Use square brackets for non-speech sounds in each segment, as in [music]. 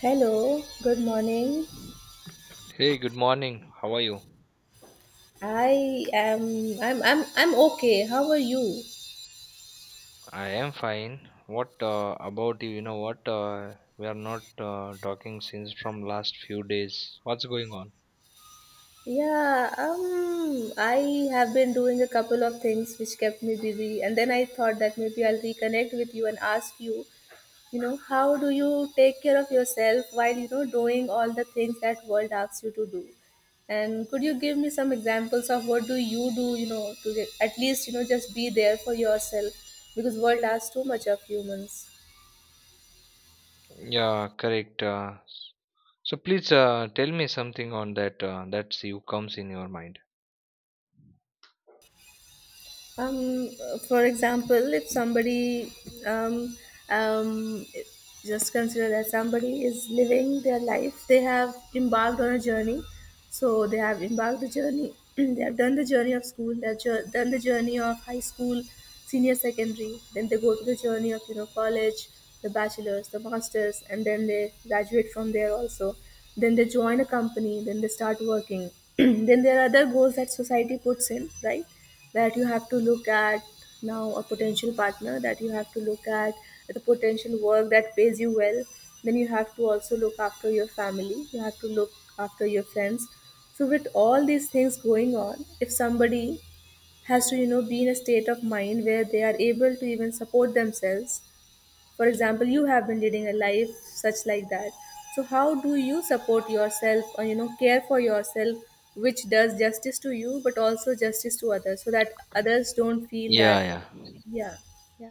Hello, good morning. Hey, good morning. How are you? I am I'm okay. How are you? I am fine. What about you? You know what? We are not talking since from last few days. What's going on? Yeah, I have been doing a couple of things which kept me busy and then I thought that maybe I'll reconnect with you and ask you, you know, how do you take care of yourself while you know doing all the things that world asks you to do? And could you give me some examples of what do, you know, to get, at least, you know, just be there for yourself because world asks too much of humans. Yeah, correct. So please tell me something on that. That's you comes in your mind. Um, for example, if somebody, um, um, just consider that somebody is living their life, they have embarked on a journey. So they have embarked the journey, [clears throat] they have done the journey of school, done the journey of high school, senior secondary, then they go to the journey of, you know, college, the bachelor's, the master's, and then they graduate from there also. Then they join a company, then they start working. [clears throat] Then there are other goals that society puts in, right, that you have to look at now: a potential partner that you have to look at, the potential work that pays you well. Then you have to also look after your family, you have to look after your friends. So with all these things going on, if somebody has to, you know, be in a state of mind where they are able to even support themselves. For example, you have been leading a life such like that. So how do you support yourself or you know care for yourself, which does justice to you but also justice to others, so that others don't feel that. Yeah, yeah. Yeah, yeah.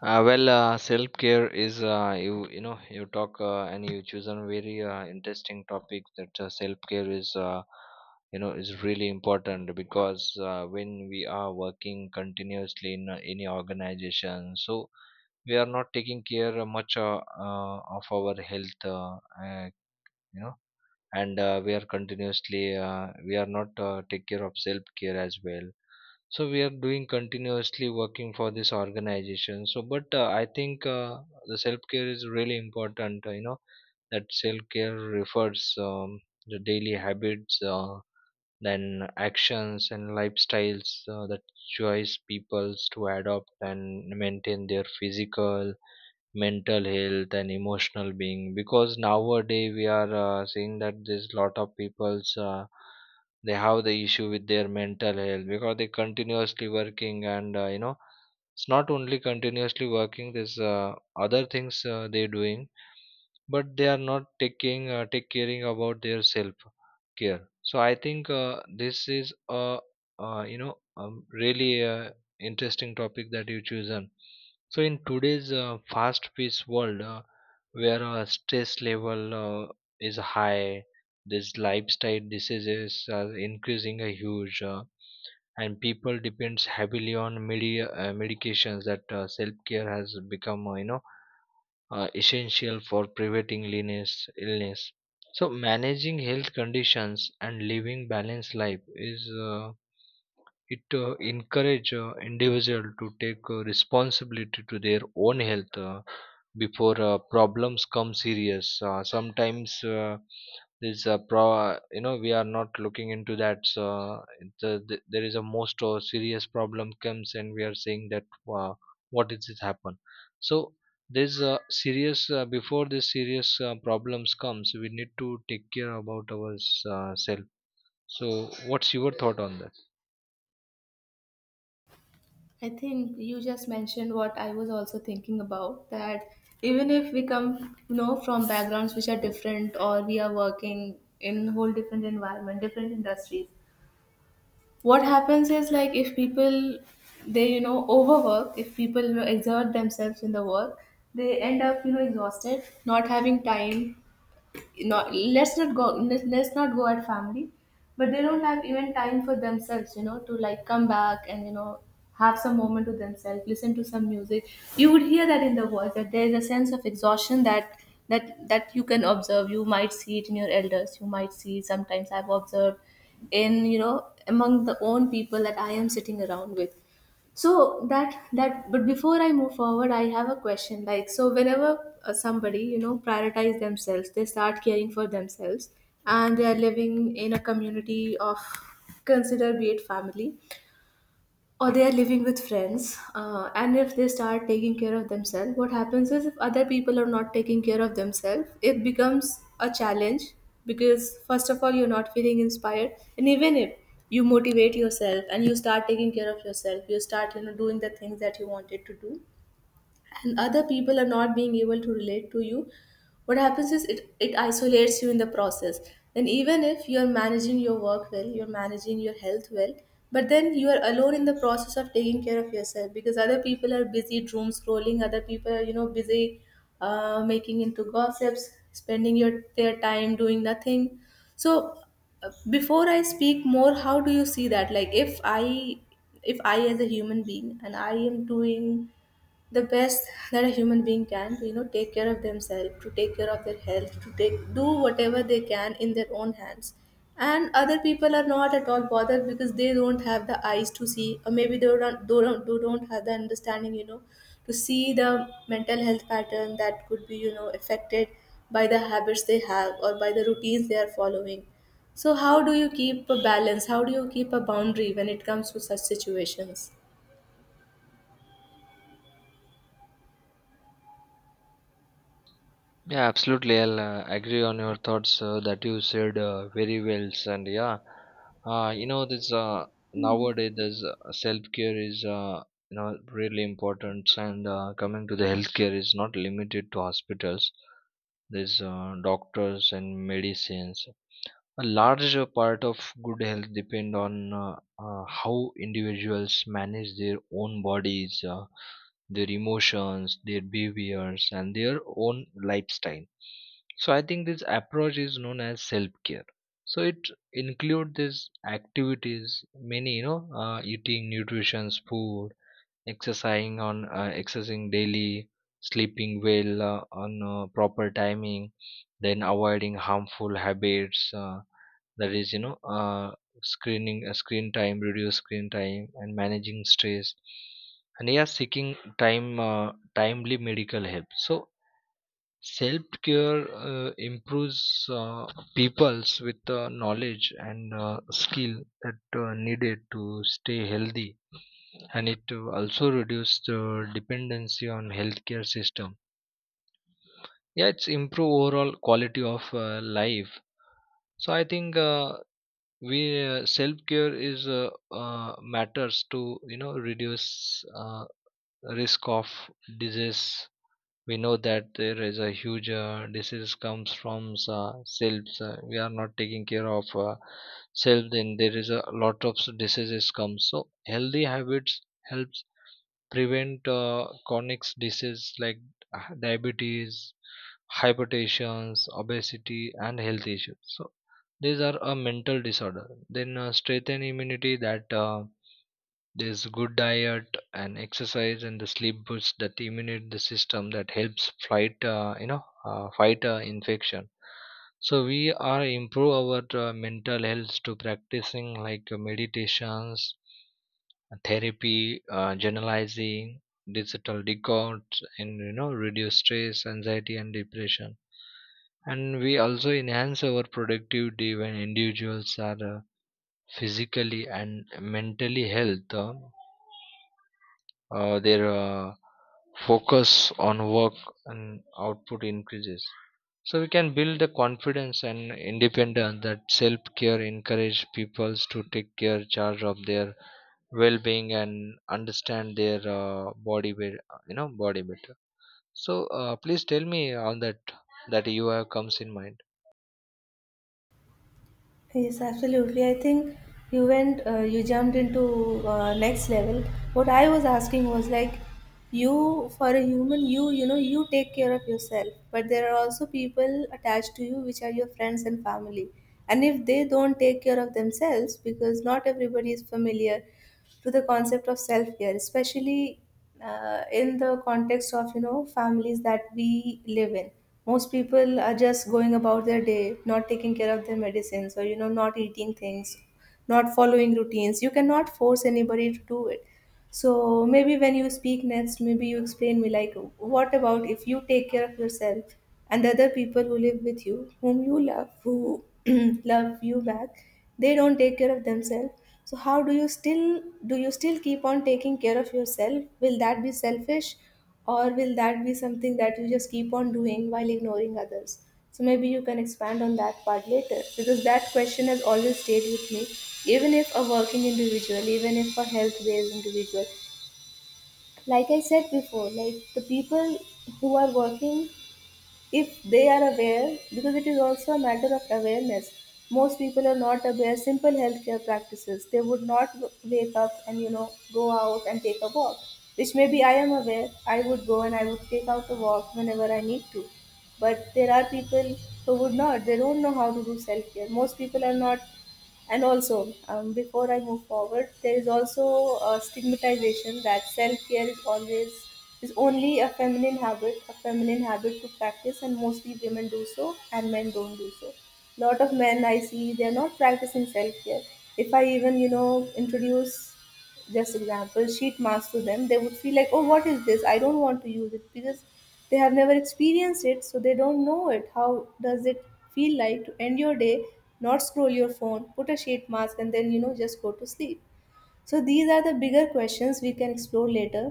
Well, self care is you you know you talk and you choose a very interesting topic that self care is is really important because when we are working continuously in any organization, so we are not taking care much of our health, uh, you know, and we are continuously we are not take care of self care as well, so we are doing continuously working for this organization. So, but I think the self care is really important. You know that self care refers the daily habits, then actions and lifestyles that choice peoples to adopt and maintain their physical, mental health and emotional being, because nowadays we are seeing that there's lot of people's they have the issue with their mental health because they continuously working, and it's not only continuously working, there's other things they're doing, but they are not taking take caring about their self care. So I think this is a really interesting topic that you chosen. So in today's fast-paced world, where stress level is high, this lifestyle diseases are increasing a huge, and people depends heavily on media medications. That self-care has become, essential for preventing illness. So managing health conditions and living balanced life is it encourage individual to take responsibility to their own health before problems come serious. Sometimes this pro you know we are not looking into that. So there is a most serious problem comes, and we are saying that uh, what is it happen. So this serious before this serious problems comes, we need to take care about our self. So what's your thought on that? I think you just mentioned what I was also thinking about, that even if we come, you know, from backgrounds which are different or we are working in whole different environment, different industries, what happens is like if people, they you know overwork, if people you know exert themselves in the work, they end up you know exhausted, not having time. Not, let's not go, let's not go at family, but they don't have even time for themselves, you know, to like come back and you know have some moment to themselves, listen to some music. You would hear that in the voice, that there is a sense of exhaustion, that you can observe. You might see it in your elders, you might see sometimes I've observed in you know among the own people that I am sitting around with. So that that but before I move forward, I have a question, like so whenever somebody you know prioritize themselves, they start caring for themselves, and they are living in a community of, consider, be it family or they are living with friends, and if they start taking care of themselves, what happens is if other people are not taking care of themselves, it becomes a challenge. Because first of all you're not feeling inspired, and even if you motivate yourself and you start taking care of yourself, you start you know doing the things that you wanted to do, and other people are not being able to relate to you, what happens is it isolates you in the process. Then even if you're managing your work well, you're managing your health well, but then you are alone in the process of taking care of yourself because other people are busy doom scrolling, other people are you know busy making into gossips, spending your their time doing nothing. So before I speak more, how do you see that, like if I as a human being and I am doing the best that a human being can to you know take care of themselves, to take care of their health, to take do whatever they can in their own hands, and other people are not at all bothered because they don't have the eyes to see, or maybe they don't have the understanding, you know, to see the mental health pattern that could be you know affected by the habits they have or by the routines they are following. So how do you keep a balance, how do you keep a boundary when it comes to such situations? Yeah, absolutely. I'll agree on your thoughts that you said very well. And yeah, this nowadays this self care is really important. And coming to the healthcare is not limited to hospitals. There's doctors and medicines. A larger part of good health depend on how individuals manage their own bodies, their emotions, their behaviors, and their own lifestyle. So I think this approach is known as self-care. So it include these activities, many eating nutritious food, exercising daily, sleeping well on proper timing, then avoiding harmful habits. That is, screen time, reduce screen time, and managing stress. And yeah, seeking timely medical help. So self care improves peoples with the knowledge and skill that needed to stay healthy, and it also reduces the dependency on healthcare system. Yeah, it's improve overall quality of life. So I think we self care is matters to you know reduce risk of disease. We know that there is a huge disease comes from selves we are not taking care of self, then there is a lot of diseases come. So healthy habits helps prevent chronic diseases like diabetes, hypertension, obesity and health issues, so these are a mental disorder. Then strengthen immunity, that there's good diet and exercise and the sleep boosts that immunity, the system that helps fight fight infection. So we are improve our mental health to practicing like meditations, therapy, journalizing, digital detox, and you know reduce stress, anxiety, and depression. And we also enhance our productivity when individuals are physically and mentally health. Their Focus on work and output increases, so we can build the confidence and independence that self care encourage people to take care charge of their well being and understand their body better. So please tell me on that that you have comes in mind. Yes, absolutely. I think you went, you jumped into next level. What I was asking was like, you, for a human, you know, you take care of yourself, but there are also people attached to you, which are your friends and family. And if they don't take care of themselves, because not everybody is familiar to the concept of self-care, especially in the context of you know families that we live in. Most people are just going about their day, not taking care of their medicines, or you know, not eating things, not following routines. You cannot force anybody to do it. So maybe when you speak next, maybe you explain me like, what about if you take care of yourself and the other people who live with you, whom you love, who [clears throat] love you back, they don't take care of themselves. So how do you still, do you still keep on taking care of yourself? Will that be selfish or will that be something that you just keep on doing while ignoring others? So maybe you can expand on that part later because that question has always stayed with me, even if a working individual, even if a health based individual. Like I said before, like the people who are working, if they are aware, because it is also a matter of awareness. Most people are not aware simple healthcare practices. They would not wake up and you know go out and take a walk, which maybe I am aware, I would go and I would take out a walk whenever I need to. But there are people who would not, they don't know how to do self care. Most people are not. And also, before I move forward, there is also a stigmatization that self-care is always, is only a feminine habit to practice, and mostly women do so and men don't do so. Lot of men I see they're not practicing self-care. If I even you know introduce just example sheet mask to them, they would feel like, oh, what is this, I don't want to use it, because they have never experienced it, so they don't know it, how does it feel like to end your day, not scroll your phone, put a sheet mask and then you know just go to sleep. So these are the bigger questions we can explore later.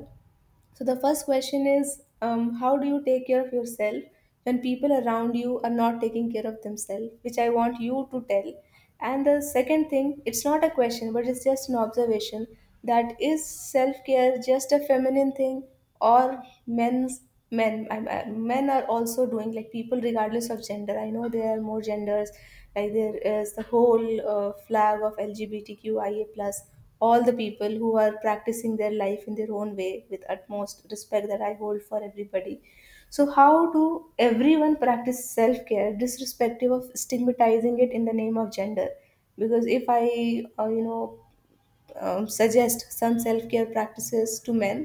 So the first question is, how do you take care of yourself when people around you are not taking care of themselves, which I want you to tell. And the second thing, it's not a question, but it's just an observation, that is self-care just a feminine thing or men's, men are also doing, like people regardless of gender, I know there are more genders, like there is the whole flag of LGBTQIA plus, all the people who are practicing their life in their own way with utmost respect that I hold for everybody. So, how do everyone practice self care, disrespective of stigmatizing it in the name of gender? Because if I, you know, suggest some self-care practices to men,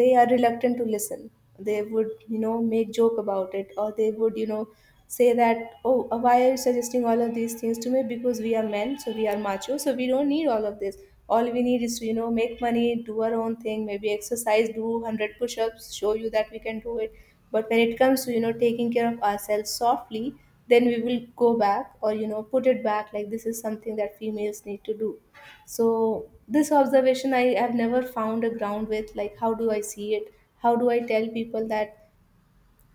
they are reluctant to listen. They would you know make joke about it, or they would you know say that, oh, why are you suggesting all of these things to me, because we are men, so we are macho, so we don't need all of this. All we need is to you know make money, do our own thing, maybe exercise, do 100 push-ups, show you that we can do it. But when it comes to you know taking care of ourselves softly, then we will go back or you know put it back like this is something that females need to do. So this observation I have never found a ground with, like how do I see it? How do I tell people that,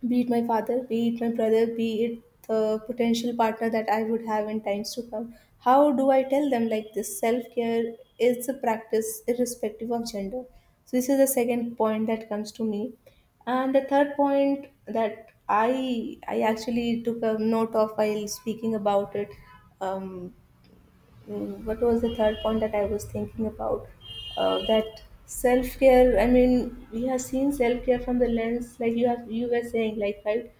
be it my father, be it my brother, be it the potential partner that I would have in times to come, how do I tell them like this self care is a practice irrespective of gender? So this is the second point that comes to me. And the third point that I actually took a note of while speaking about it, um, mm, what was the third point that I was thinking about? That self care. I mean, we have seen self care from the lens, like you were saying, like, right,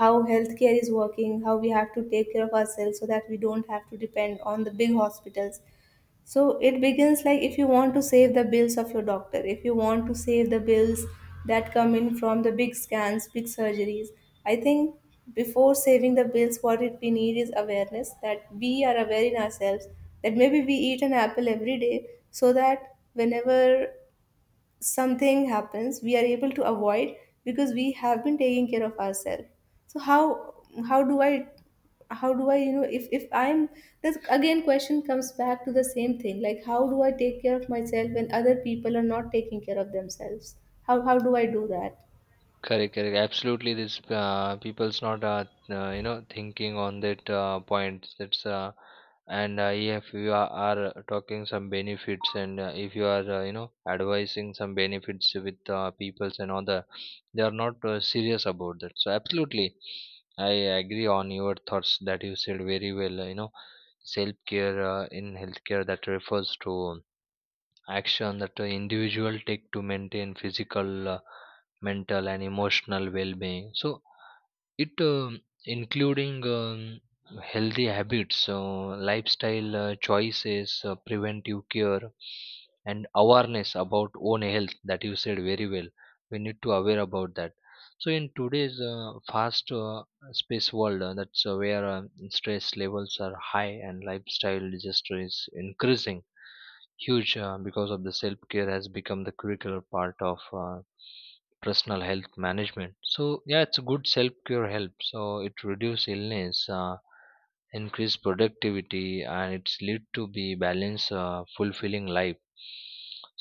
how healthcare is working, how we have to take care of ourselves so that we don't have to depend on the big hospitals, so it begins like, if you want to save the bills of your doctor, if you want to save the bills that come in from the big scans, big surgeries. I think before saving the bills, what it we need is awareness, that we are aware in ourselves, that maybe we eat an apple every day so that whenever something happens we are able to avoid because we have been taking care of ourselves. So how do i how do I, if I'm, this again question comes back to the same thing, like, how do I take care of myself when other people are not taking care of themselves? How do I do that? Correct, correct. Absolutely, this people's not you know thinking on that point. That's And if you are talking some benefits, and if you are you know advising some benefits with peoples and other, they are not serious about that. So absolutely, I agree on your thoughts that you said very well. You know, self care in healthcare that refers to action that an individual take to maintain physical mental and emotional well-being. So it including healthy habits, lifestyle choices, preventive care and awareness about own health, that you said very well, we need to aware about that. So in today's fast space world that's where stress levels are high and lifestyle disaster is increasing huge, because of the self care has become the curricular part of personal health management. So yeah, it's a good self care help, so it reduce illness, increase productivity, and it's lead to be balance fulfilling life.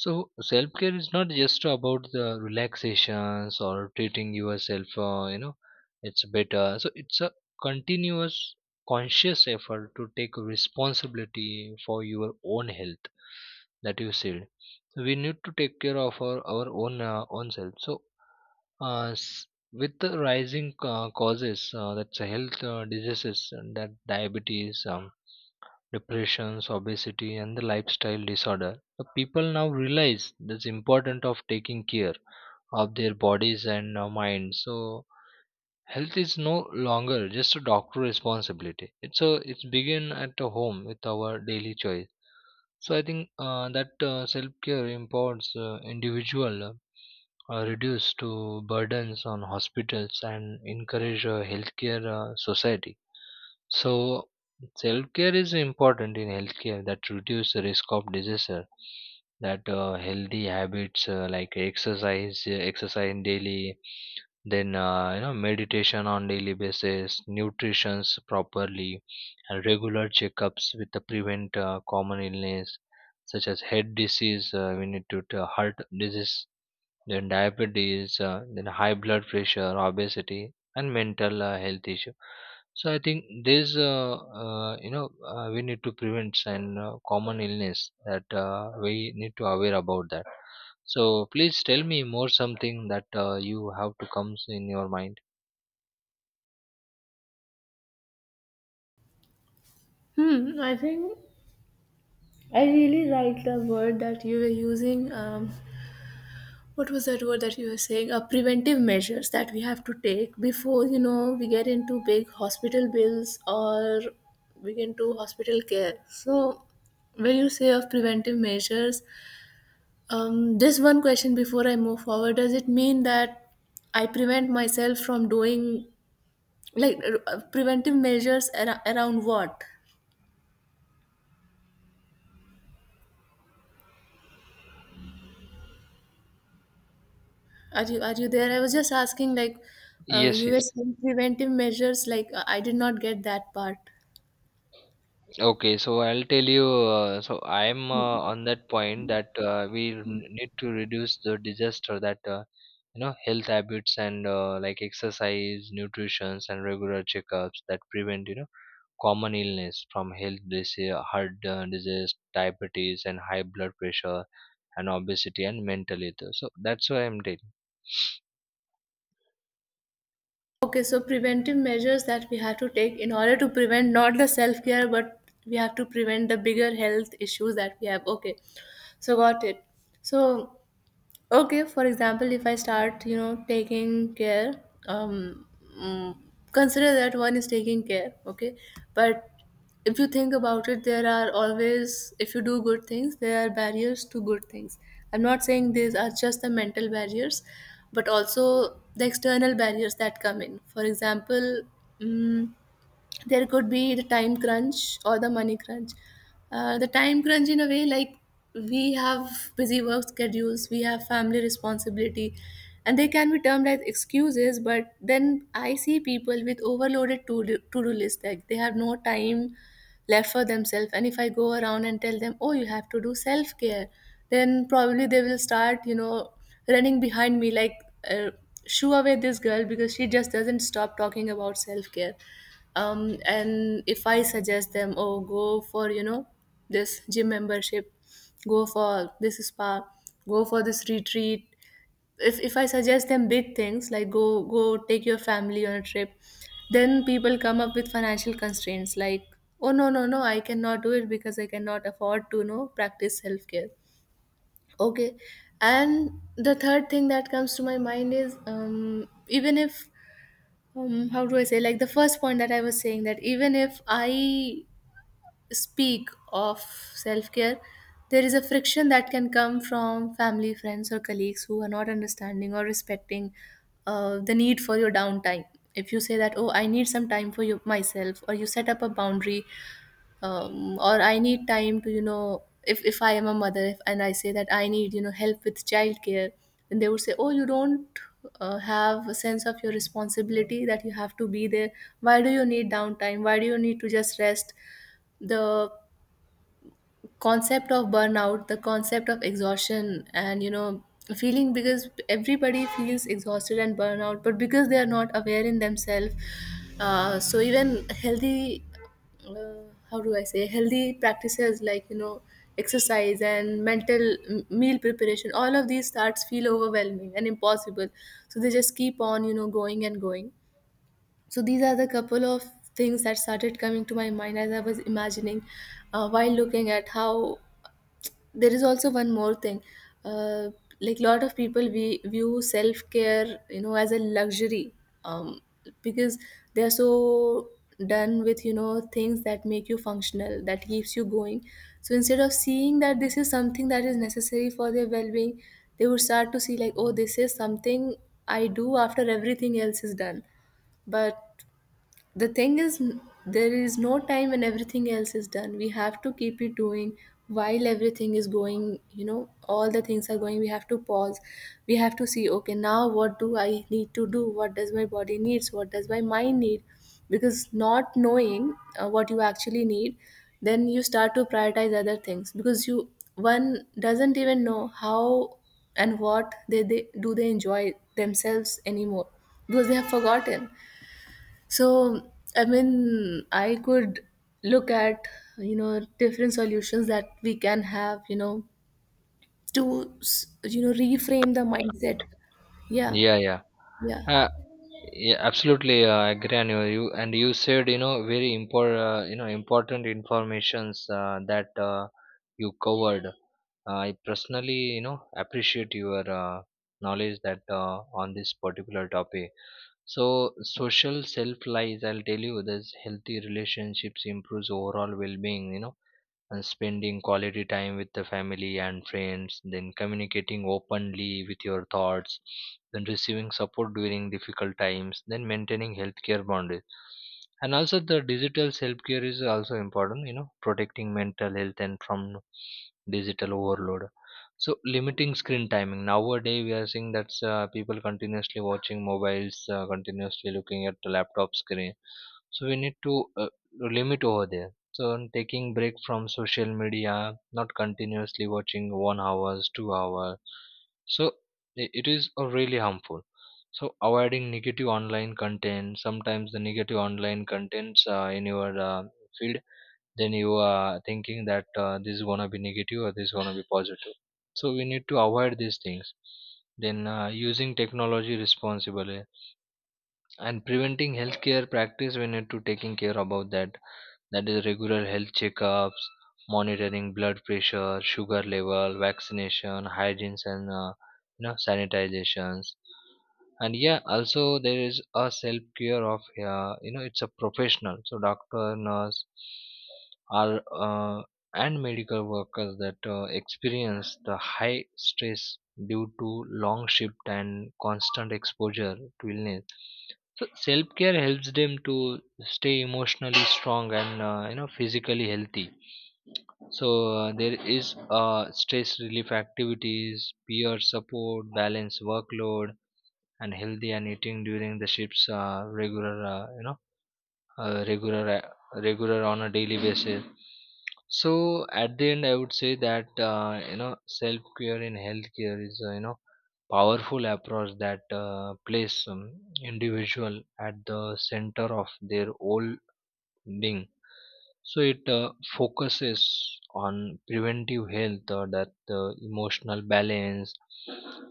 So self care is not just about the relaxations or treating yourself, it's better, so it's a continuous conscious effort to take responsibility for your own health, that you said. So we need to take care of our own own self. So uh, s- with the rising causes that's health diseases, and that diabetes, depressions, obesity and the lifestyle disorder, the people now realize this importance of taking care of their bodies and minds. So health is no longer just a doctor responsibility. It's begin at the home with our daily choice. So I think that self care empowers individual, reduce to burdens on hospitals and encourage a healthcare society. So self-care is important in healthcare that reduce the risk of disaster. That healthy habits like exercise, exercise daily, then you know meditation on daily basis, nutrition's properly, and regular checkups with the prevent common illness such as head disease. We need To heart disease, then diabetes, then high blood pressure, obesity, and mental health issue. So I think these, we need to prevent and common illness, that we need to aware about that. So please tell me more something that you have to comes in your mind. Hmm, I think I really like the word that you were using. What was that word that you were saying? Preventive measures that we have to take before, we get into big hospital bills, or we get into hospital care. So when you say of preventive measures, this one question before I move forward, does it mean that I prevent myself from doing, like, preventive measures around what? Are you there? I was just asking, like, Yes, you were yes. saying preventive measures. Like, I did not get that part. Okay, so I'll tell you. So I'm on that point that we need to reduce the disaster that you know health habits and like exercise, nutrition, and regular checkups that prevent you know common illness from health disease, heart disease, diabetes, and high blood pressure, and obesity and mental health. So that's what I'm telling. Okay, so preventive measures that we have to take in order to prevent not the self care, but we have to prevent the bigger health issues that we have. Okay, so got it. So Okay, for example, if I start, taking care, um, mm, consider that one is taking care, okay? But if you think about it, there are always, if you do good things, there are barriers to good things. I'm not saying these are just the mental barriers, but also the external barriers that come in. For example, mm there could be the time crunch or the money crunch. The time crunch, in a way, like, we have busy work schedules, we have family responsibility, and they can be termed as excuses. But then I see people with overloaded to do list, like they have no time left for themselves. And if I go around and tell them, "Oh, you have to do self care," then probably they will start, you know, running behind me, like, uh, shoo away this girl because she just doesn't stop talking about self care. And if I suggest them, "Oh, go for, this gym membership, go for this spa, go for this retreat." If, I suggest them big things, like, "Go, take your family on a trip," then people come up with financial constraints, like, "Oh, no, no, no, I cannot do it because I cannot afford to, practice self-care." Okay. And the third thing that comes to my mind is, even if, how do I say, like the first point that I was saying, that even if I speak of self care, there is a friction that can come from family, friends, or colleagues who are not understanding or respecting the need for your downtime. If you say that, "Oh, I need some time for you, myself," or you set up a boundary, or I need time to, you know, if I am a mother, if, and I say that I need, you know, help with childcare, then they would say, "Oh, you don't have a sense of your responsibility that you have to be there. Why do you need downtime? Why do you need to just rest?" The concept of burnout, the concept of exhaustion and, you know, feeling, because everybody feels exhausted and burnout, but because they are not aware in themselves. So even healthy, uh, how do I say, healthy practices, like, you know, exercise and mental meal preparation, all of these starts feel overwhelming and impossible, so they just keep on, you know, going and going. So these are the couple of things that started coming to my mind as I was imagining, while looking at how. There is also one more thing, uh, like, lot of people, we view self-care, you know, as a luxury, um, because they are so done with, you know, things that make you functional, that keeps you going. So instead of seeing that this is something that is necessary for their well-being, they would start to see like, "Oh, this is something I do after everything else is done." But the thing is, there is no time when everything else is done, we have to keep it doing. While everything is going, you know, all the things are going, we have to pause, we have to see, okay, now what do I need to do? What does my body needs, what does my mind need? Because not knowing what you actually need, then you start to prioritize other things because you, one doesn't even know how and what they do, they enjoy themselves anymore, because they have forgotten. So, I mean, I could look at, you know, different solutions that we can have, you know, to, you know, reframe the mindset. Yeah, Yeah, yeah. yeah. Uh, yeah, absolutely. I agree on you. And you said you know very important you know important informations that you covered. I personally you know appreciate your knowledge that on this particular topic. So social self lies. I'll tell you, this healthy relationships improves overall well being. You know spending quality time with the family and friends, then communicating openly with your thoughts, then receiving support during difficult times, then maintaining healthcare boundaries. And also the digital self-care is also important, you know, protecting mental health and from digital overload. So limiting screen timing. Nowadays we are seeing that people continuously watching mobiles, continuously looking at the laptop screen. So we need to limit over there. So I'm taking break from social media, not continuously watching 1 hours, 2 hours. So it is really harmful. So avoiding negative online content. Sometimes the negative online contents in your field, then you are thinking that this is gonna be negative or this is gonna be positive. So we need to avoid these things. Then using technology responsibly and preventing healthcare practice, we need to taking care about that, that is regular health checkups, monitoring blood pressure, sugar level, vaccination, hygienes and you know sanitizations. And yeah, also there is a self care of it's a professional, so doctor, nurse are and medical workers that experience the high stress due to long shift and constant exposure to illness. So self care helps them to stay emotionally strong and you know physically healthy. So there is stress relief activities, peer support, balanced workload, and healthy and eating during the ships. Regular regular on a daily basis. So at the end I would say that you know self care in healthcare is you know powerful approach that place individual at the center of their whole being. So it focuses on preventive health or that emotional balance,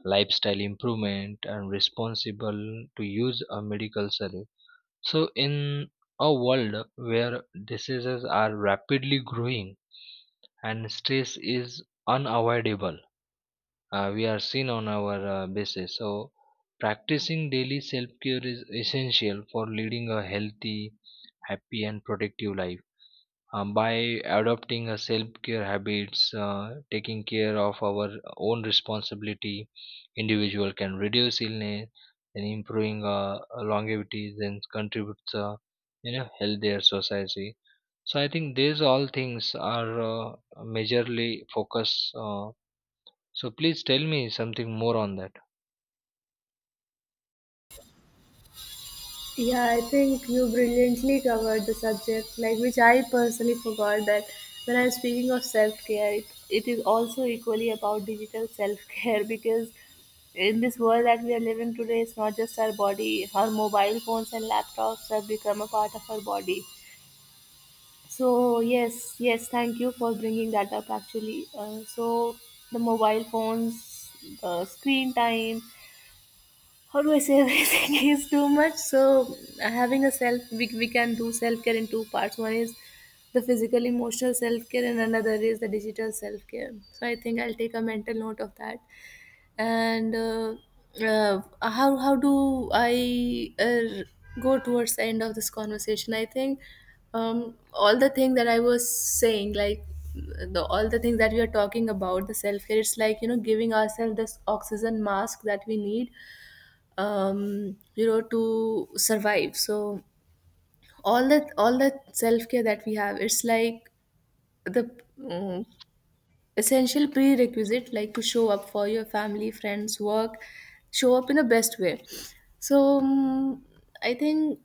lifestyle improvement, and responsible to use a medical service. So, in a world where diseases are rapidly growing and stress is unavoidable, we are seen on our basis. So, practicing daily self care is essential for leading a healthy, happy, and productive life, by adopting a self-care habits, taking care of our own responsibility, individual can reduce illness and improving longevity, then contributes you know healthier society. So I think these all things are majorly focus. So please tell me something more on that. Yeah, I think you brilliantly covered the subject, like, which I personally forgot, that when I'm speaking of self care, it is also equally about digital self care [laughs] because in this world that we are living today, it's not just our body, our mobile phones and laptops have become a part of our body. So yes, yes, thank you for bringing that up, actually. So the mobile phones, the screen time, how do I say, [laughs] everything is too much. So having a self, we can do self care in two parts. One is the physical emotional self care, and another is the digital self care. So I think I'll take a mental note of that. And how do I, go towards the end of this conversation? I think all the thing that I was saying, like, the all the things that we are talking about, the self care, it's like, you know, giving ourselves this oxygen mask that we need, to survive. So all that self care that we have, it's like the, mm, essential prerequisite, like, to show up for your family, friends, work, show up in the best way. So, i think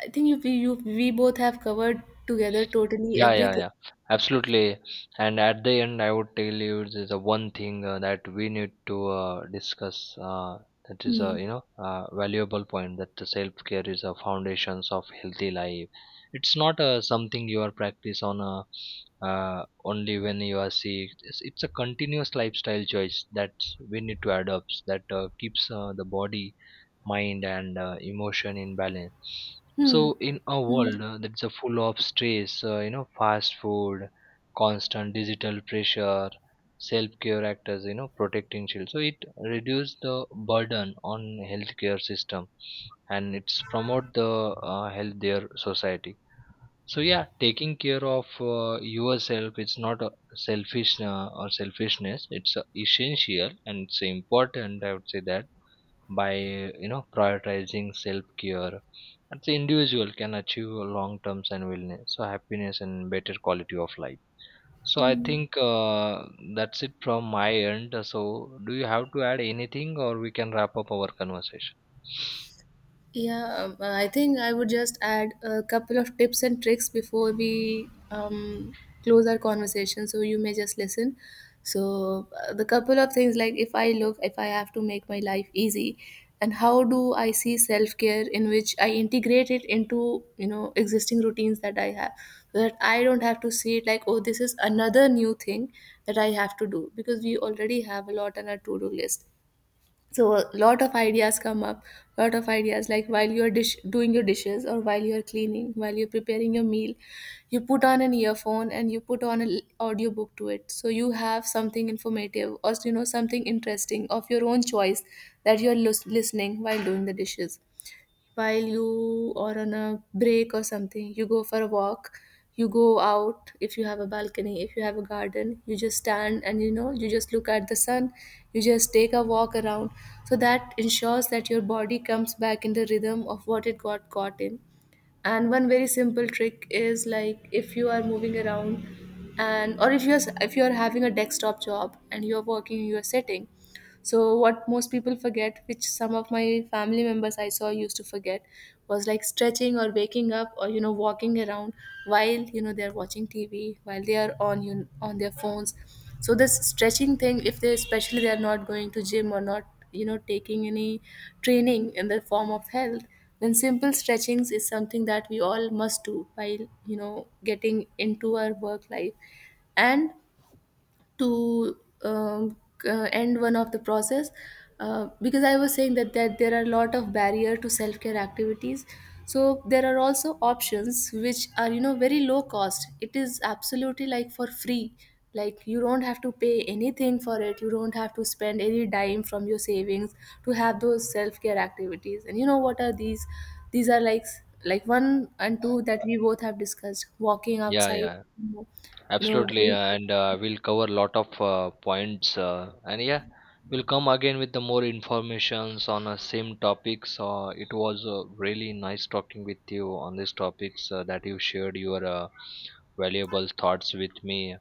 I think we both have covered together totally Yeah, yeah, everything. yeah. Absolutely. And at the end, I would tell you the one thing that we need to discuss. That is a Hmm. you know valuable point, that the self care is a foundations of healthy life. It's not something you are practice on a only when you are sick. It's a continuous lifestyle choice that we need to adopt, that keeps the body, mind and emotion in balance. Hmm. So in a Hmm. world that's full of stress, fast food, constant digital pressure, self-care actors you know protecting children, so it reduce the burden on healthcare system, and it's promote the healthier society. So yeah, taking care of yourself, it's not a selfish or selfishness, it's essential and it's important. I would say that by you know prioritizing self-care, that the individual can achieve a long-term and wellness, so happiness and better quality of life. So I think that's it from my end. So do you have to add anything, or we can wrap up our conversation? Yeah, I think I would just add a couple of tips and tricks before we close our conversation. So you may just listen. So the couple of things, like, if I look, if I have to make my life easy, and how do I see self care, in which I integrate it into, you know, existing routines that I have, so that I don't have to see it like, "Oh, this is another new thing that I have to do," because we already have a lot on our to do list. So a lot of ideas come up, lot of ideas, like, while you're doing your dishes, or while you're cleaning, while you're preparing your meal, you put on an earphone and you put on an audiobook to it, so you have something informative, or, you know, something interesting of your own choice that you're listening while doing the dishes. While you are on a break or something, you go for a walk, you go out, if you have a balcony, if you have a garden, you just stand and, you know, you just look at the sun, you just take a walk around, so that ensures that your body comes back in the rhythm of what it got caught in. And one very simple trick is, like, if you are moving around, and, or if you're, if you're having a desktop job and you're working in your setting. So what most people forget, which some of my family members I saw used to forget, was like stretching or waking up or, you know, walking around while, you know, they're watching TV, while they are on, you on their phones. So this stretching thing, if they, especially they are not going to gym, or not, you know, taking any training in the form of health, then simple stretchings is something that we all must do while, you know, getting into our work life. And to um, end one of the process, because I was saying that, there are a lot of barrier to self-care activities, so there are also options which are, you know, very low cost, it is absolutely, like, for free, like, you don't have to pay anything for it, you don't have to spend any dime from your savings to have those self-care activities. And, you know, what are these? These are like, one and two that we both have discussed, walking Yeah, outside, yeah. you know, Absolutely, and we'll cover a lot of points. And yeah, we'll come again with the more informations on the same topics. It was really nice talking with you on these topics that you shared your valuable thoughts with me.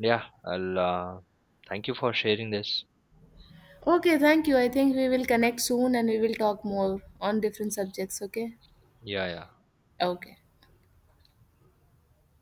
Yeah, I'll thank you for sharing this. Okay, thank you. I think we will connect soon and we will talk more on different subjects, okay? Yeah, yeah. Okay.